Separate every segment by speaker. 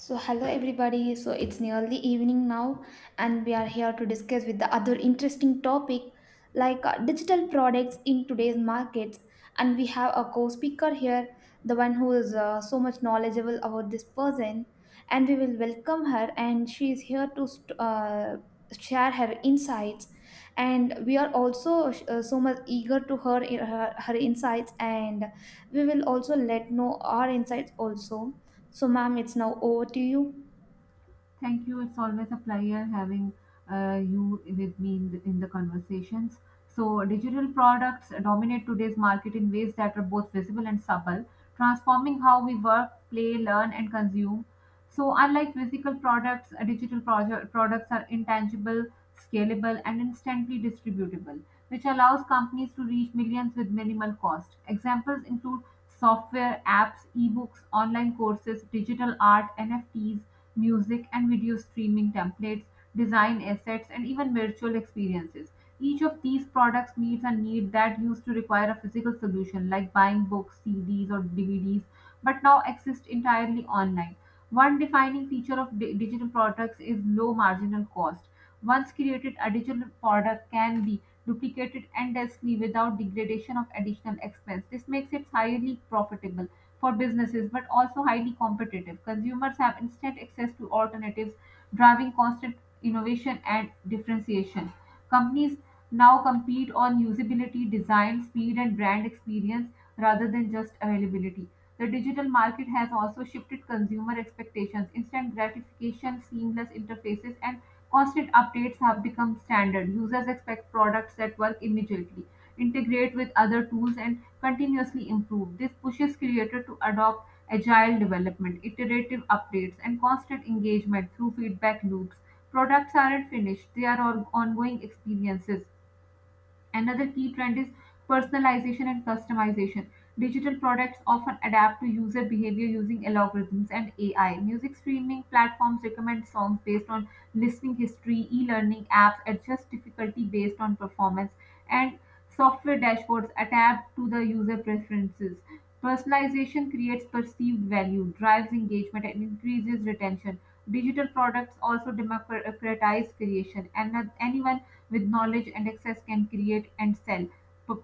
Speaker 1: So, hello everybody. So, it's nearly evening now, and we are here to discuss with the other interesting topic like digital products in today's markets. And we have a co speaker here, the one who is so much knowledgeable about this person. And we will welcome her, and she is here to share her insights. And we are also so much eager to her, her insights, and we will also let know our insights also so, ma'am, it's now over to you.
Speaker 2: Thank you. It's always a pleasure having you with me in the conversations. Digital products dominate today's market in ways that are both visible and subtle, transforming how we work, play, learn, and consume. Unlike physical products, products are intangible, scalable, and instantly distributable, which allows companies to reach millions with minimal cost. Examples include software, apps, ebooks, online courses, digital art, NFTs, music and video streaming templates, design assets, and even virtual experiences. Each of these products meets a need that used to require a physical solution like buying books, CDs, or DVDs, but now exist entirely online. One defining feature of digital products is low marginal cost. Once created, a digital product can be duplicated endlessly without degradation of additional expense. This makes it highly profitable for businesses but also highly competitive. Consumers have instant access to alternatives, driving constant innovation and differentiation. Companies now compete on usability, design, speed, and brand experience rather than just availability. The digital market has also shifted consumer expectations, instant gratification, seamless interfaces, and constant updates have become standard. Users expect products that work immediately, integrate with other tools, and continuously improve. This pushes creators to adopt agile development, iterative updates, and constant engagement through feedback loops. Products aren't finished, they are ongoing experiences. Another key trend is personalization and customization. Digital products often adapt to user behavior using algorithms and AI. Music streaming platforms recommend songs based on listening history, e learning apps adjust difficulty based on performance, and software dashboards adapt to the user preferences. Personalization creates perceived value, drives engagement, and increases retention. Digital products also democratize creation, and anyone with knowledge and access can create and sell p-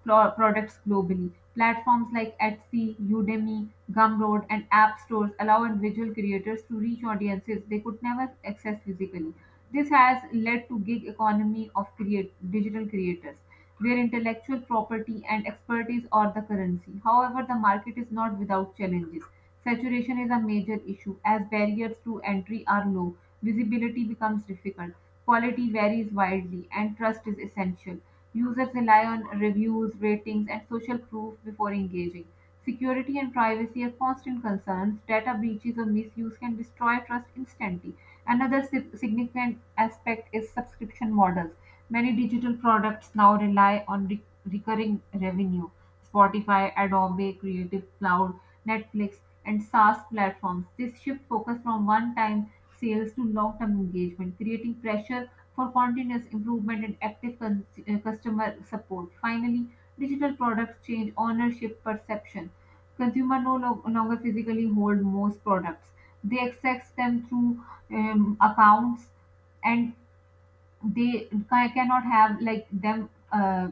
Speaker 2: pl- products globally. Platforms like Etsy, Udemy, Gumroad, and app stores allow individual creators to reach audiences they could never access physically. This has led to gig economy of digital creators, where intellectual property and expertise are the currency. However, the market is not without challenges. Saturation is a major issue, as barriers to entry are low, visibility becomes difficult, quality varies widely, and trust is essential. Users rely on reviews, ratings, and social proof before engaging. Security and privacy are constant concerns. Data breaches or misuse can destroy trust instantly. Another significant aspect is subscription models. Many digital products now rely on recurring revenue. Spotify, Adobe, Creative Cloud, Netflix, and SaaS platforms. This shift focus from one-time sales to long-term engagement, creating pressure for continuous improvement and active customer support. Finally, digital products change ownership perception. Consumer no longer physically hold most products. They access them through accounts, and they cannot have like them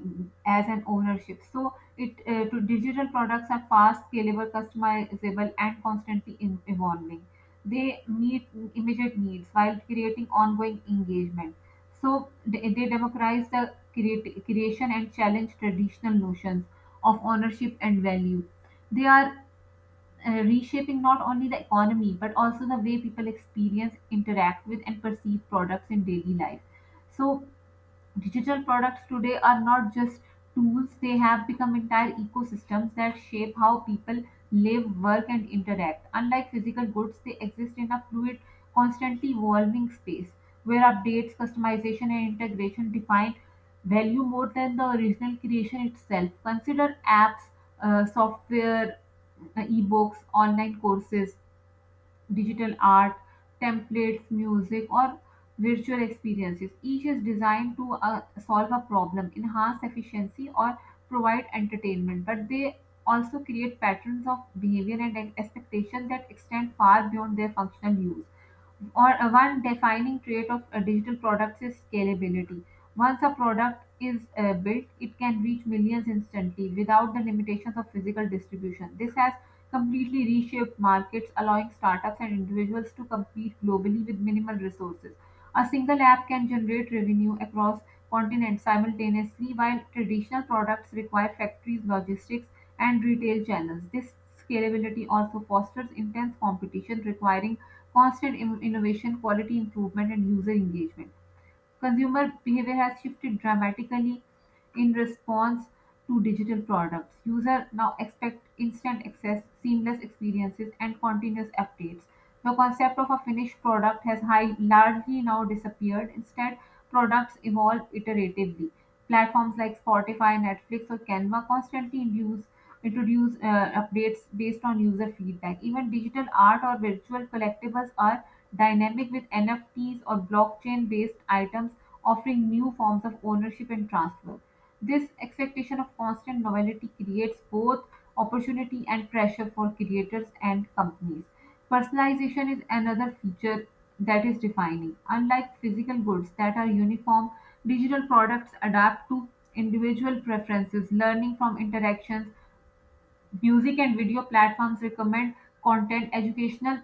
Speaker 2: as an ownership, so it, to digital products are fast, scalable, customizable, and constantly evolving. They meet immediate needs while creating ongoing engagement, so they democratize the creation and challenge traditional notions of ownership and value. They are reshaping not only the economy but also the way people experience, interact with, and perceive products in daily life. So, digital products today are not just tools, they have become entire ecosystems that shape how people live, work, and interact. Unlike physical goods, they exist in a fluid, constantly evolving space where updates, customization, and integration define value more than the original creation itself. Consider apps, software, ebooks, online courses, digital art, templates, music, or virtual experiences. Each is designed to solve a problem, enhance efficiency, or provide entertainment, but they also create patterns of behavior and expectation that extend far beyond their functional use. Or One defining trait of digital products is scalability. Once a product is built, it can reach millions instantly without the limitations of physical distribution. This has completely reshaped markets, allowing startups and individuals to compete globally with minimal resources. A single app can generate revenue across continents simultaneously, while traditional products require factories, logistics, and retail channels. This scalability also fosters intense competition, requiring constant innovation, quality improvement, and user engagement. Consumer behavior has shifted dramatically in response to digital products. Users now expect instant access, seamless experiences, and continuous updates. The concept of a finished product has largely now disappeared. Instead, products evolve iteratively. Platforms like Spotify, Netflix, or Canva constantly induce introduce updates based on user feedback. Even digital art or virtual collectibles are dynamic, with NFTs or blockchain based items offering new forms of ownership and transfer. This expectation of constant novelty creates both opportunity and pressure for creators and companies. Personalization is another feature that is defining. Unlike physical goods that are uniform, digital products adapt to individual preferences, learning from interactions. Music and video platforms recommend content, educational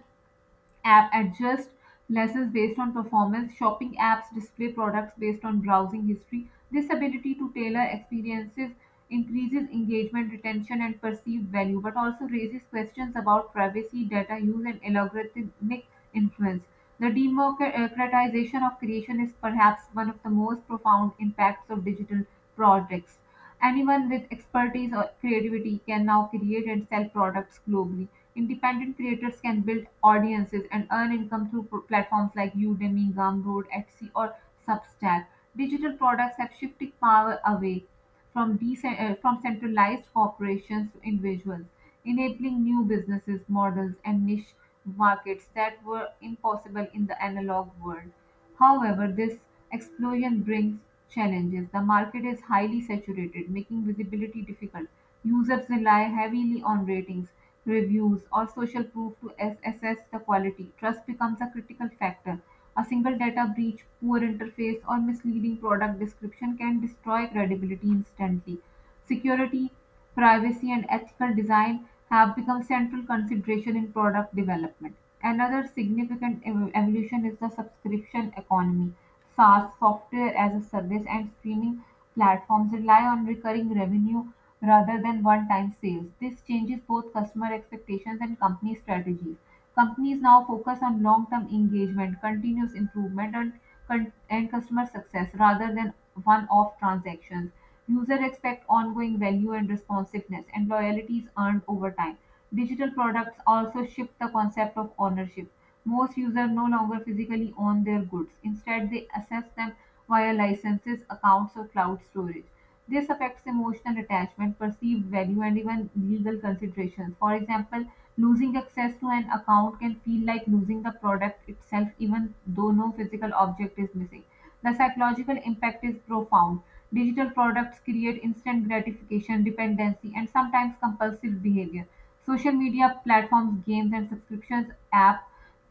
Speaker 2: apps adjust lessons based on performance, shopping apps display products based on browsing history. This ability to tailor experiences increases engagement, retention, and perceived value, but also raises questions about privacy, data use, and algorithmic influence. The democratization of creation is perhaps one of the most profound impacts of digital products. Anyone with expertise or creativity can now create and sell products globally. Independent creators can build audiences and earn income through platforms like Udemy, Gumroad, Etsy, or Substack. Digital products have shifted power away from centralized corporations to individuals, enabling new businesses, models, and niche markets that were impossible in the analog world. However, this explosion brings challenges. The market is highly saturated, making visibility difficult. Users rely heavily on ratings, reviews, or social proof to assess the quality. Trust becomes a critical factor. A single data breach, poor interface, or misleading product description can destroy credibility instantly. Security, privacy, and ethical design have become central consideration in product development. Another significant evolution is the subscription economy. SaaS, software as a service, and streaming platforms rely on recurring revenue rather than one time sales. This changes both customer expectations and company strategies. Companies now focus on long term engagement, continuous improvement, and customer success rather than one off transactions. Users expect ongoing value and responsiveness, and loyalty is earned over time. Digital products also shift the concept of ownership. Most users no longer physically own their goods. Instead, they access them via licenses, accounts, or cloud storage. This affects emotional attachment, perceived value, and even legal considerations. For example, losing access to an account can feel like losing the product itself, even though no physical object is missing. The psychological impact is profound: digital products create instant gratification, dependency, and sometimes compulsive behavior. Social media platforms, games, and subscriptions apps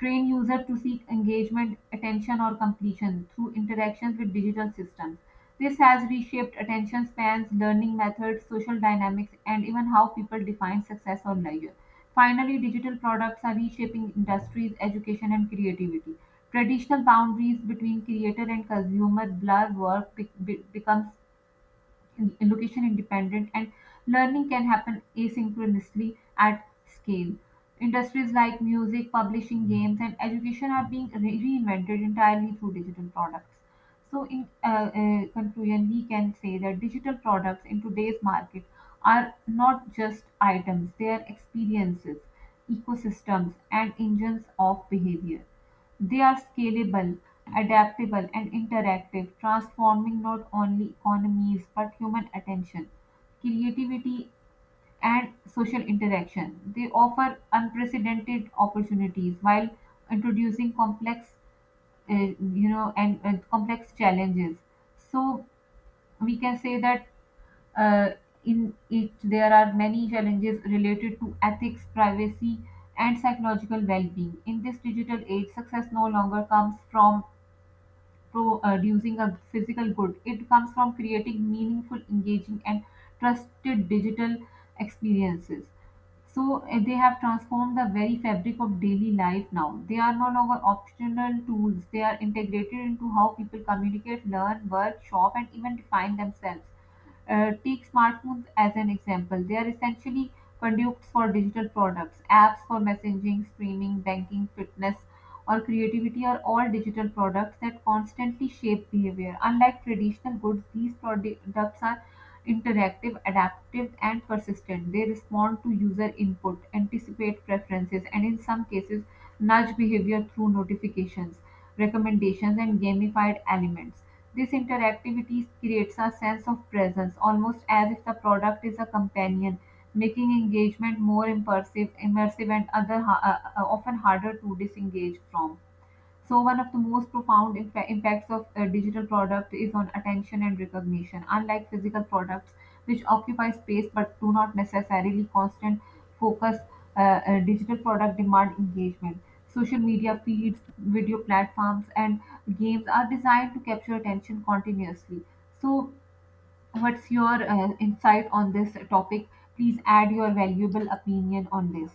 Speaker 2: train users to seek engagement, attention, or completion through interactions with digital systems. This has reshaped attention spans, learning methods, social dynamics, and even how people define success or leisure. Finally, digital products are reshaping industries, education, and creativity. Traditional boundaries between creator and consumer blur, work becomes location independent, and learning can happen asynchronously at scale. Industries like music, publishing, games, and education are being reinvented entirely through digital products. So, in conclusion, we can say that digital products in today's market are not just items, they are experiences, ecosystems, and engines of behavior. They are scalable, adaptable, and interactive, transforming not only economies but human attention, creativity, and social interaction. They offer unprecedented opportunities while introducing complex, and complex challenges. So, we can say that, uh, in it there are many challenges related to ethics, privacy, and psychological well-being. In this digital age, success no longer comes from producing a physical good. It comes from creating meaningful, engaging, and trusted digital experiences. So, they have transformed the very fabric of daily life now. They are no longer optional tools. They are integrated into how people communicate, learn, work, shop, and even define themselves. Take smartphones as an example. They are essentially conduits for digital products, apps for messaging, streaming, banking, fitness, or creativity are all digital products that constantly shape behavior. Unlike traditional goods, these products are interactive, adaptive, and persistent. They respond to user input, anticipate preferences, and in some cases, nudge behavior through notifications, recommendations, and gamified elements. This interactivity creates a sense of presence, almost as if the product is a companion, making engagement more immersive and often harder to disengage from. So, one of the most profound impacts of a digital product is on attention and recognition. Unlike physical products, which occupy space but do not necessarily constant focus, uh, digital product demand engagement. Social media feeds, video platforms, and games are designed to capture attention continuously. So, what's your insight on this topic? Please add your valuable opinion on this.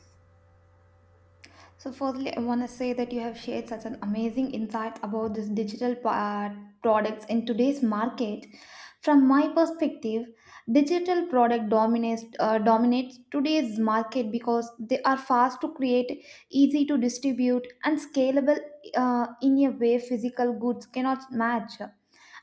Speaker 1: So, firstly, I want to say that you have shared such an amazing insight about this products in today's market. From my perspective, digital product dominates today's market because they are fast to create, easy to distribute, and scalable in a way physical goods cannot match.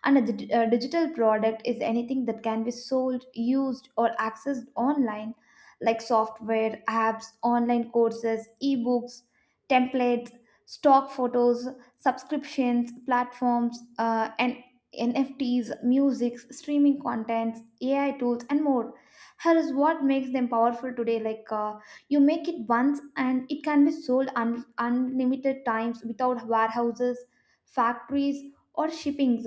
Speaker 1: And a digital product is anything that can be sold, used, or accessed online, like software, apps, online courses, ebooks, templates, stock photos, subscriptions, platforms, and NFTs, music, streaming contents, AI tools, and more. Here is what makes them powerful today. You make it once, and it can be sold unlimited times without warehouses, factories, or shippings.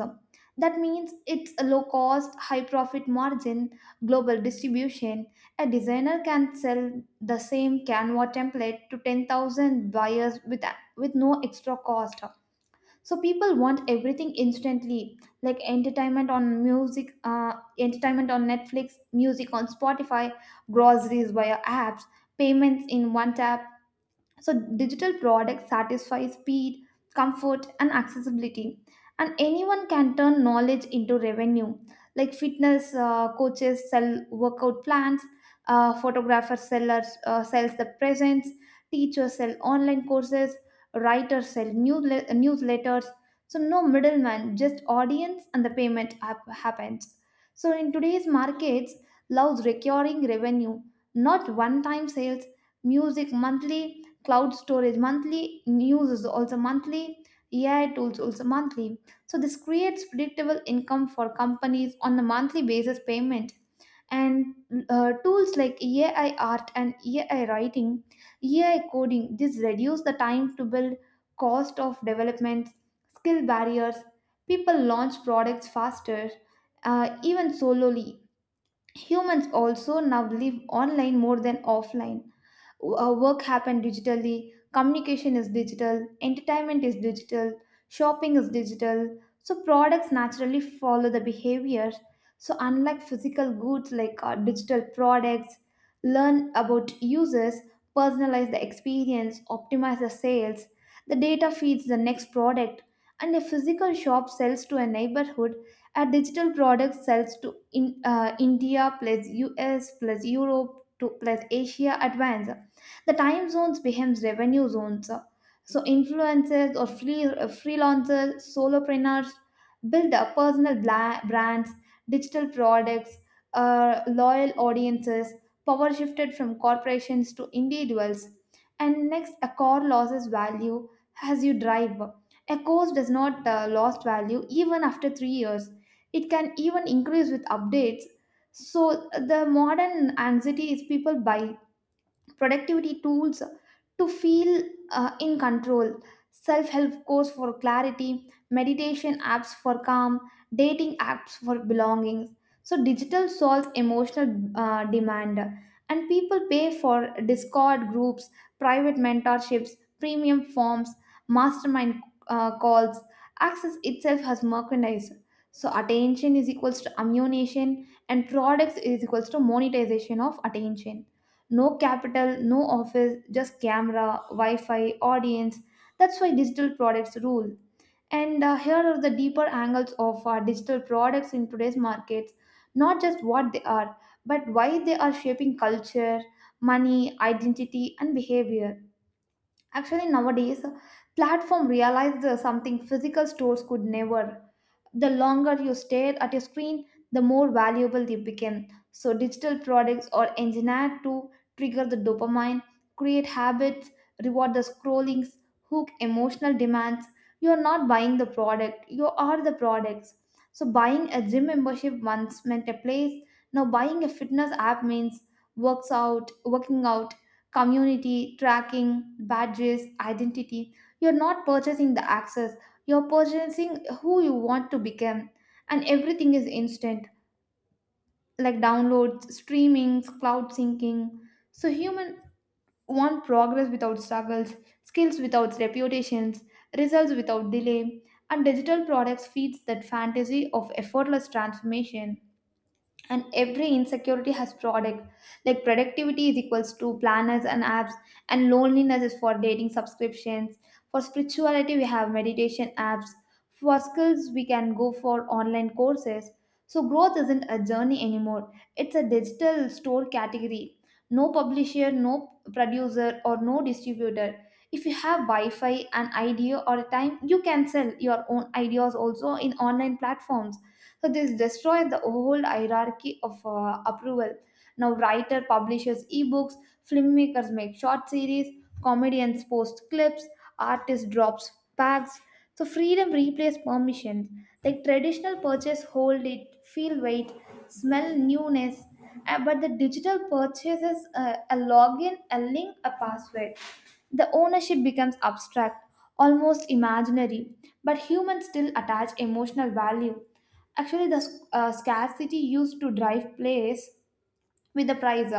Speaker 1: That means it's a low cost, high profit margin, global distribution. A designer can sell the same Canva template to 10,000 buyers with no extra cost. So people want everything instantly, like entertainment on music, entertainment on Netflix, music on Spotify, groceries via apps, payments in one tap, so digital products satisfy speed, comfort, and accessibility, and anyone can turn knowledge into revenue. Like fitness coaches sell workout plans, photographers sellers sells the presents, teachers sell online courses, writers sell newsletters. So no middleman, just audience and the happens. So in today's markets, loves recurring revenue, not one-time sales. Music monthly cloud storage monthly, news is also monthly, AI tools also monthly. So this creates predictable income for companies on a monthly basis payment. And tools like AI art and AI writing, AI coding, this reduce the time to build, cost of development, skill barriers. People launch products faster, even solely. Humans also now live online more than offline our work happened digitally, communication is digital, entertainment is digital, shopping is digital. So products naturally follow the behaviors. So unlike physical goods like digital products, learn about users, personalize the experience, optimize the sales. The data feeds the next product, and a physical shop sells to a neighborhood. A digital product sells to India plus US plus Europe to plus Asia advance. The time zones becomes revenue zones. So influencers or freelancers, solopreneurs build up personal brands, digital products, loyal audiences, power shifted from corporations to individuals. And next, a core loses value as you drive. A course does not lost value even after three years. It can even increase with updates. So the modern anxiety is people buy productivity tools to feel in control, self help course for clarity, meditation apps for calm, dating apps for belongings. So, digital solves emotional demand, and people pay for Discord groups, private mentorships, premium forms, mastermind calls. Access itself has merchandise. So, attention is equals to ammunition, and products is equals to monetization of attention no capital, no office, just camera, Wi Fi, audience. That's why digital products rule. And here are the deeper angles of digital products in today's markets not just what they are, but why they are shaping culture, money, identity, and behavior. Actually, nowadays, platform realized something physical stores could never the longer you stare at a screen, the more valuable they become. So, digital products are engineered to trigger the dopamine, create habits, reward the scrollings, hook emotional demands. You are not buying the product, you are the products. So, buying a gym membership once meant a place, now buying a fitness app means working out, community, tracking, badges, identity. You're not purchasing the access you're purchasing who you want to become, and everything is instant, like downloads, streamings, cloud syncing. So human want progress without struggles, skills without reputations, results without delay, and digital products feeds that fantasy of effortless transformation and every insecurity has product like productivity is equals to planners and apps and loneliness is for dating subscriptions for spirituality we have meditation apps for skills we can go for online courses so growth isn't a journey anymore it's a digital store category no publisher no producer or no distributor if you have wi-fi an idea or a time you can sell your own ideas also in online platforms so this destroys the whole hierarchy of approval now writer publishes ebooks filmmakers make short series comedians post clips artists drops packs so freedom replaces permissions like traditional purchase hold it feel weight smell newness but the digital purchases a login a link a password the ownership becomes abstract, almost imaginary, but humans still attach emotional value. Actually, the scarcity used to drive place with the price.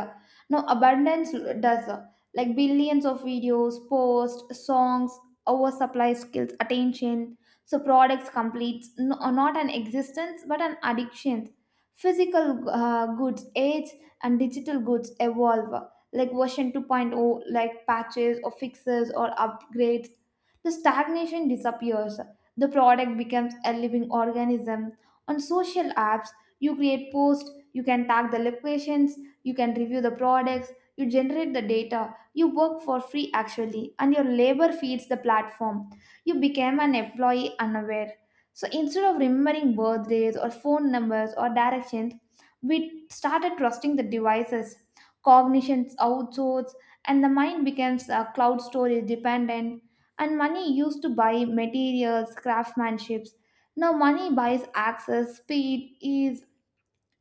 Speaker 1: Now abundance does like billions of videos, posts, songs, oversupply skills, attention. So products completes no, not an existence but an addiction. Physical goods age and digital goods evolve like version 2.0 like patches or fixes or upgrades. The stagnation disappears. The product becomes a living organism. On social apps, you create posts, you can tag the locations, you can review the products you generate the data you work for free actually and your labor feeds the platform you became an employee unaware so instead of remembering birthdays or phone numbers or directions we started trusting the devices cognitions outsourced and the mind becomes cloud storage dependent and money used to buy materials craftsmanships now money buys access speed ease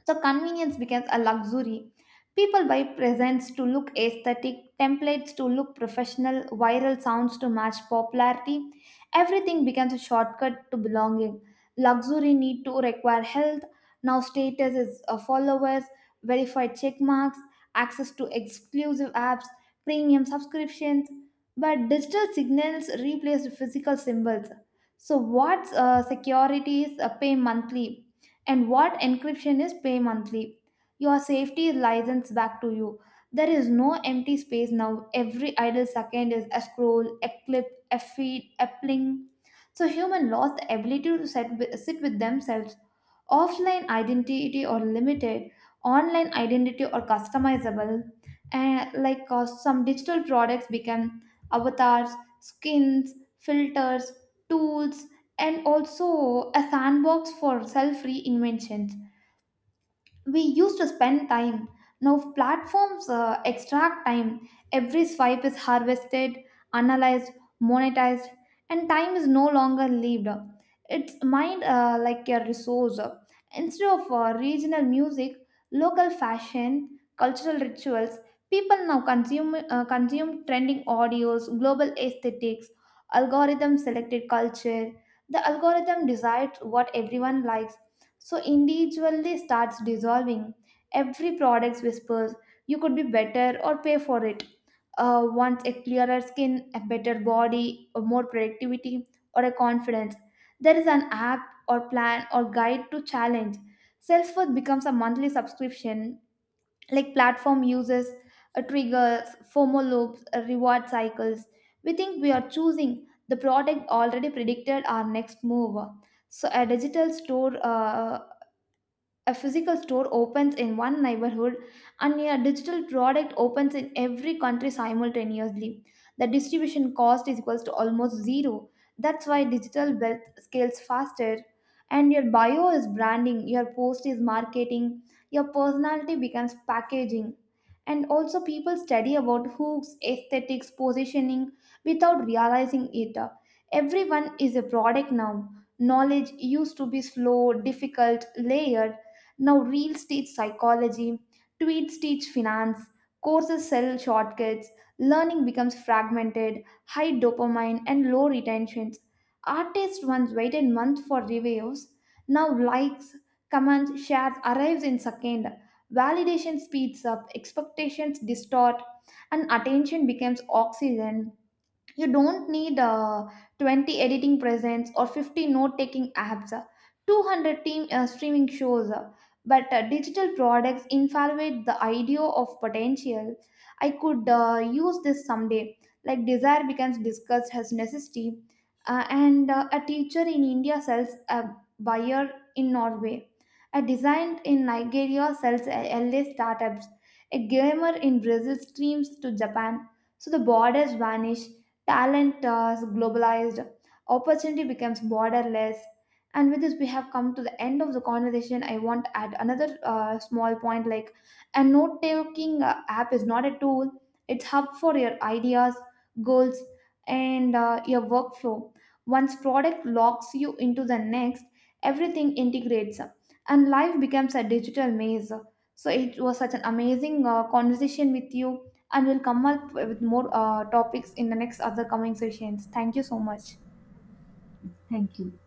Speaker 1: so convenience becomes a luxury. People buy presents to look aesthetic, templates to look professional, viral sounds to match popularity. Everything becomes a shortcut to belonging. Luxury need to require health. Now status is followers, verified check marks, access to exclusive apps, premium subscriptions. But digital signals replace physical symbols. So what's securities pay monthly? And what encryption is pay monthly. Your safety is licensed back to you. There is no empty space now. Every idle second is a scroll, a clip, a feed, a pling. So human lost the ability to sit with themselves. Offline identity or limited, online identity or customizable. And some digital products become avatars, skins, filters, tools, and also a sandbox for self reinvention we used to spend time. Now, platforms extract time. Every swipe is harvested, analyzed, monetized, and time is no longer lived. It's mined like a resource. Instead of regional music, local fashion, cultural rituals, people now consume trending audios, global aesthetics, algorithm selected culture. The algorithm decides what everyone likes so individually starts dissolving. Every product whispers, you could be better or pay for it. Wants a clearer skin, a better body, a more productivity, or a confidence. There is an app or plan or guide to challenge. Self-worth becomes a monthly subscription, like platform uses, triggers, FOMO loops, reward cycles. We think we are choosing the product already predicted our next move. So a physical store opens in one neighborhood and a digital product opens in every country simultaneously. The distribution cost is equals to almost zero. That's why digital wealth scales faster. And your bio is branding, your post is marketing, your personality becomes packaging. And also, people study about hooks, aesthetics, positioning without realizing it. Everyone is a product now. Knowledge used to be slow, difficult, layered now, reels teach psychology, tweets teach finance, courses sell shortcuts, learning becomes fragmented, high dopamine, and low retentions. Artists once waited months for reviews. Now, likes, comments, shares arrives in second. Validation speeds up, expectations distort, and attention becomes oxygen. You don't need 20 editing presents or 50 note taking apps, 200 team, streaming shows. But digital products infiltrate the idea of potential. I could use this someday. Like desire becomes discussed as necessity, and a teacher in India sells a buyer in Norway. A designer in Nigeria sells L a LA startups. A gamer in Brazil streams to Japan. So the borders vanish Talent is globalized, opportunity becomes borderless. And with this, we have come to the end of the conversation. I want to add another small point like a note taking app is not a tool, it's hub for your ideas, goals, and your workflow. Once product locks you into the next, everything integrates and life becomes a digital maze. So it was such an amazing conversation with you and we'll come up with more topics in the next other coming sessions. Thank you so much.
Speaker 2: Thank you.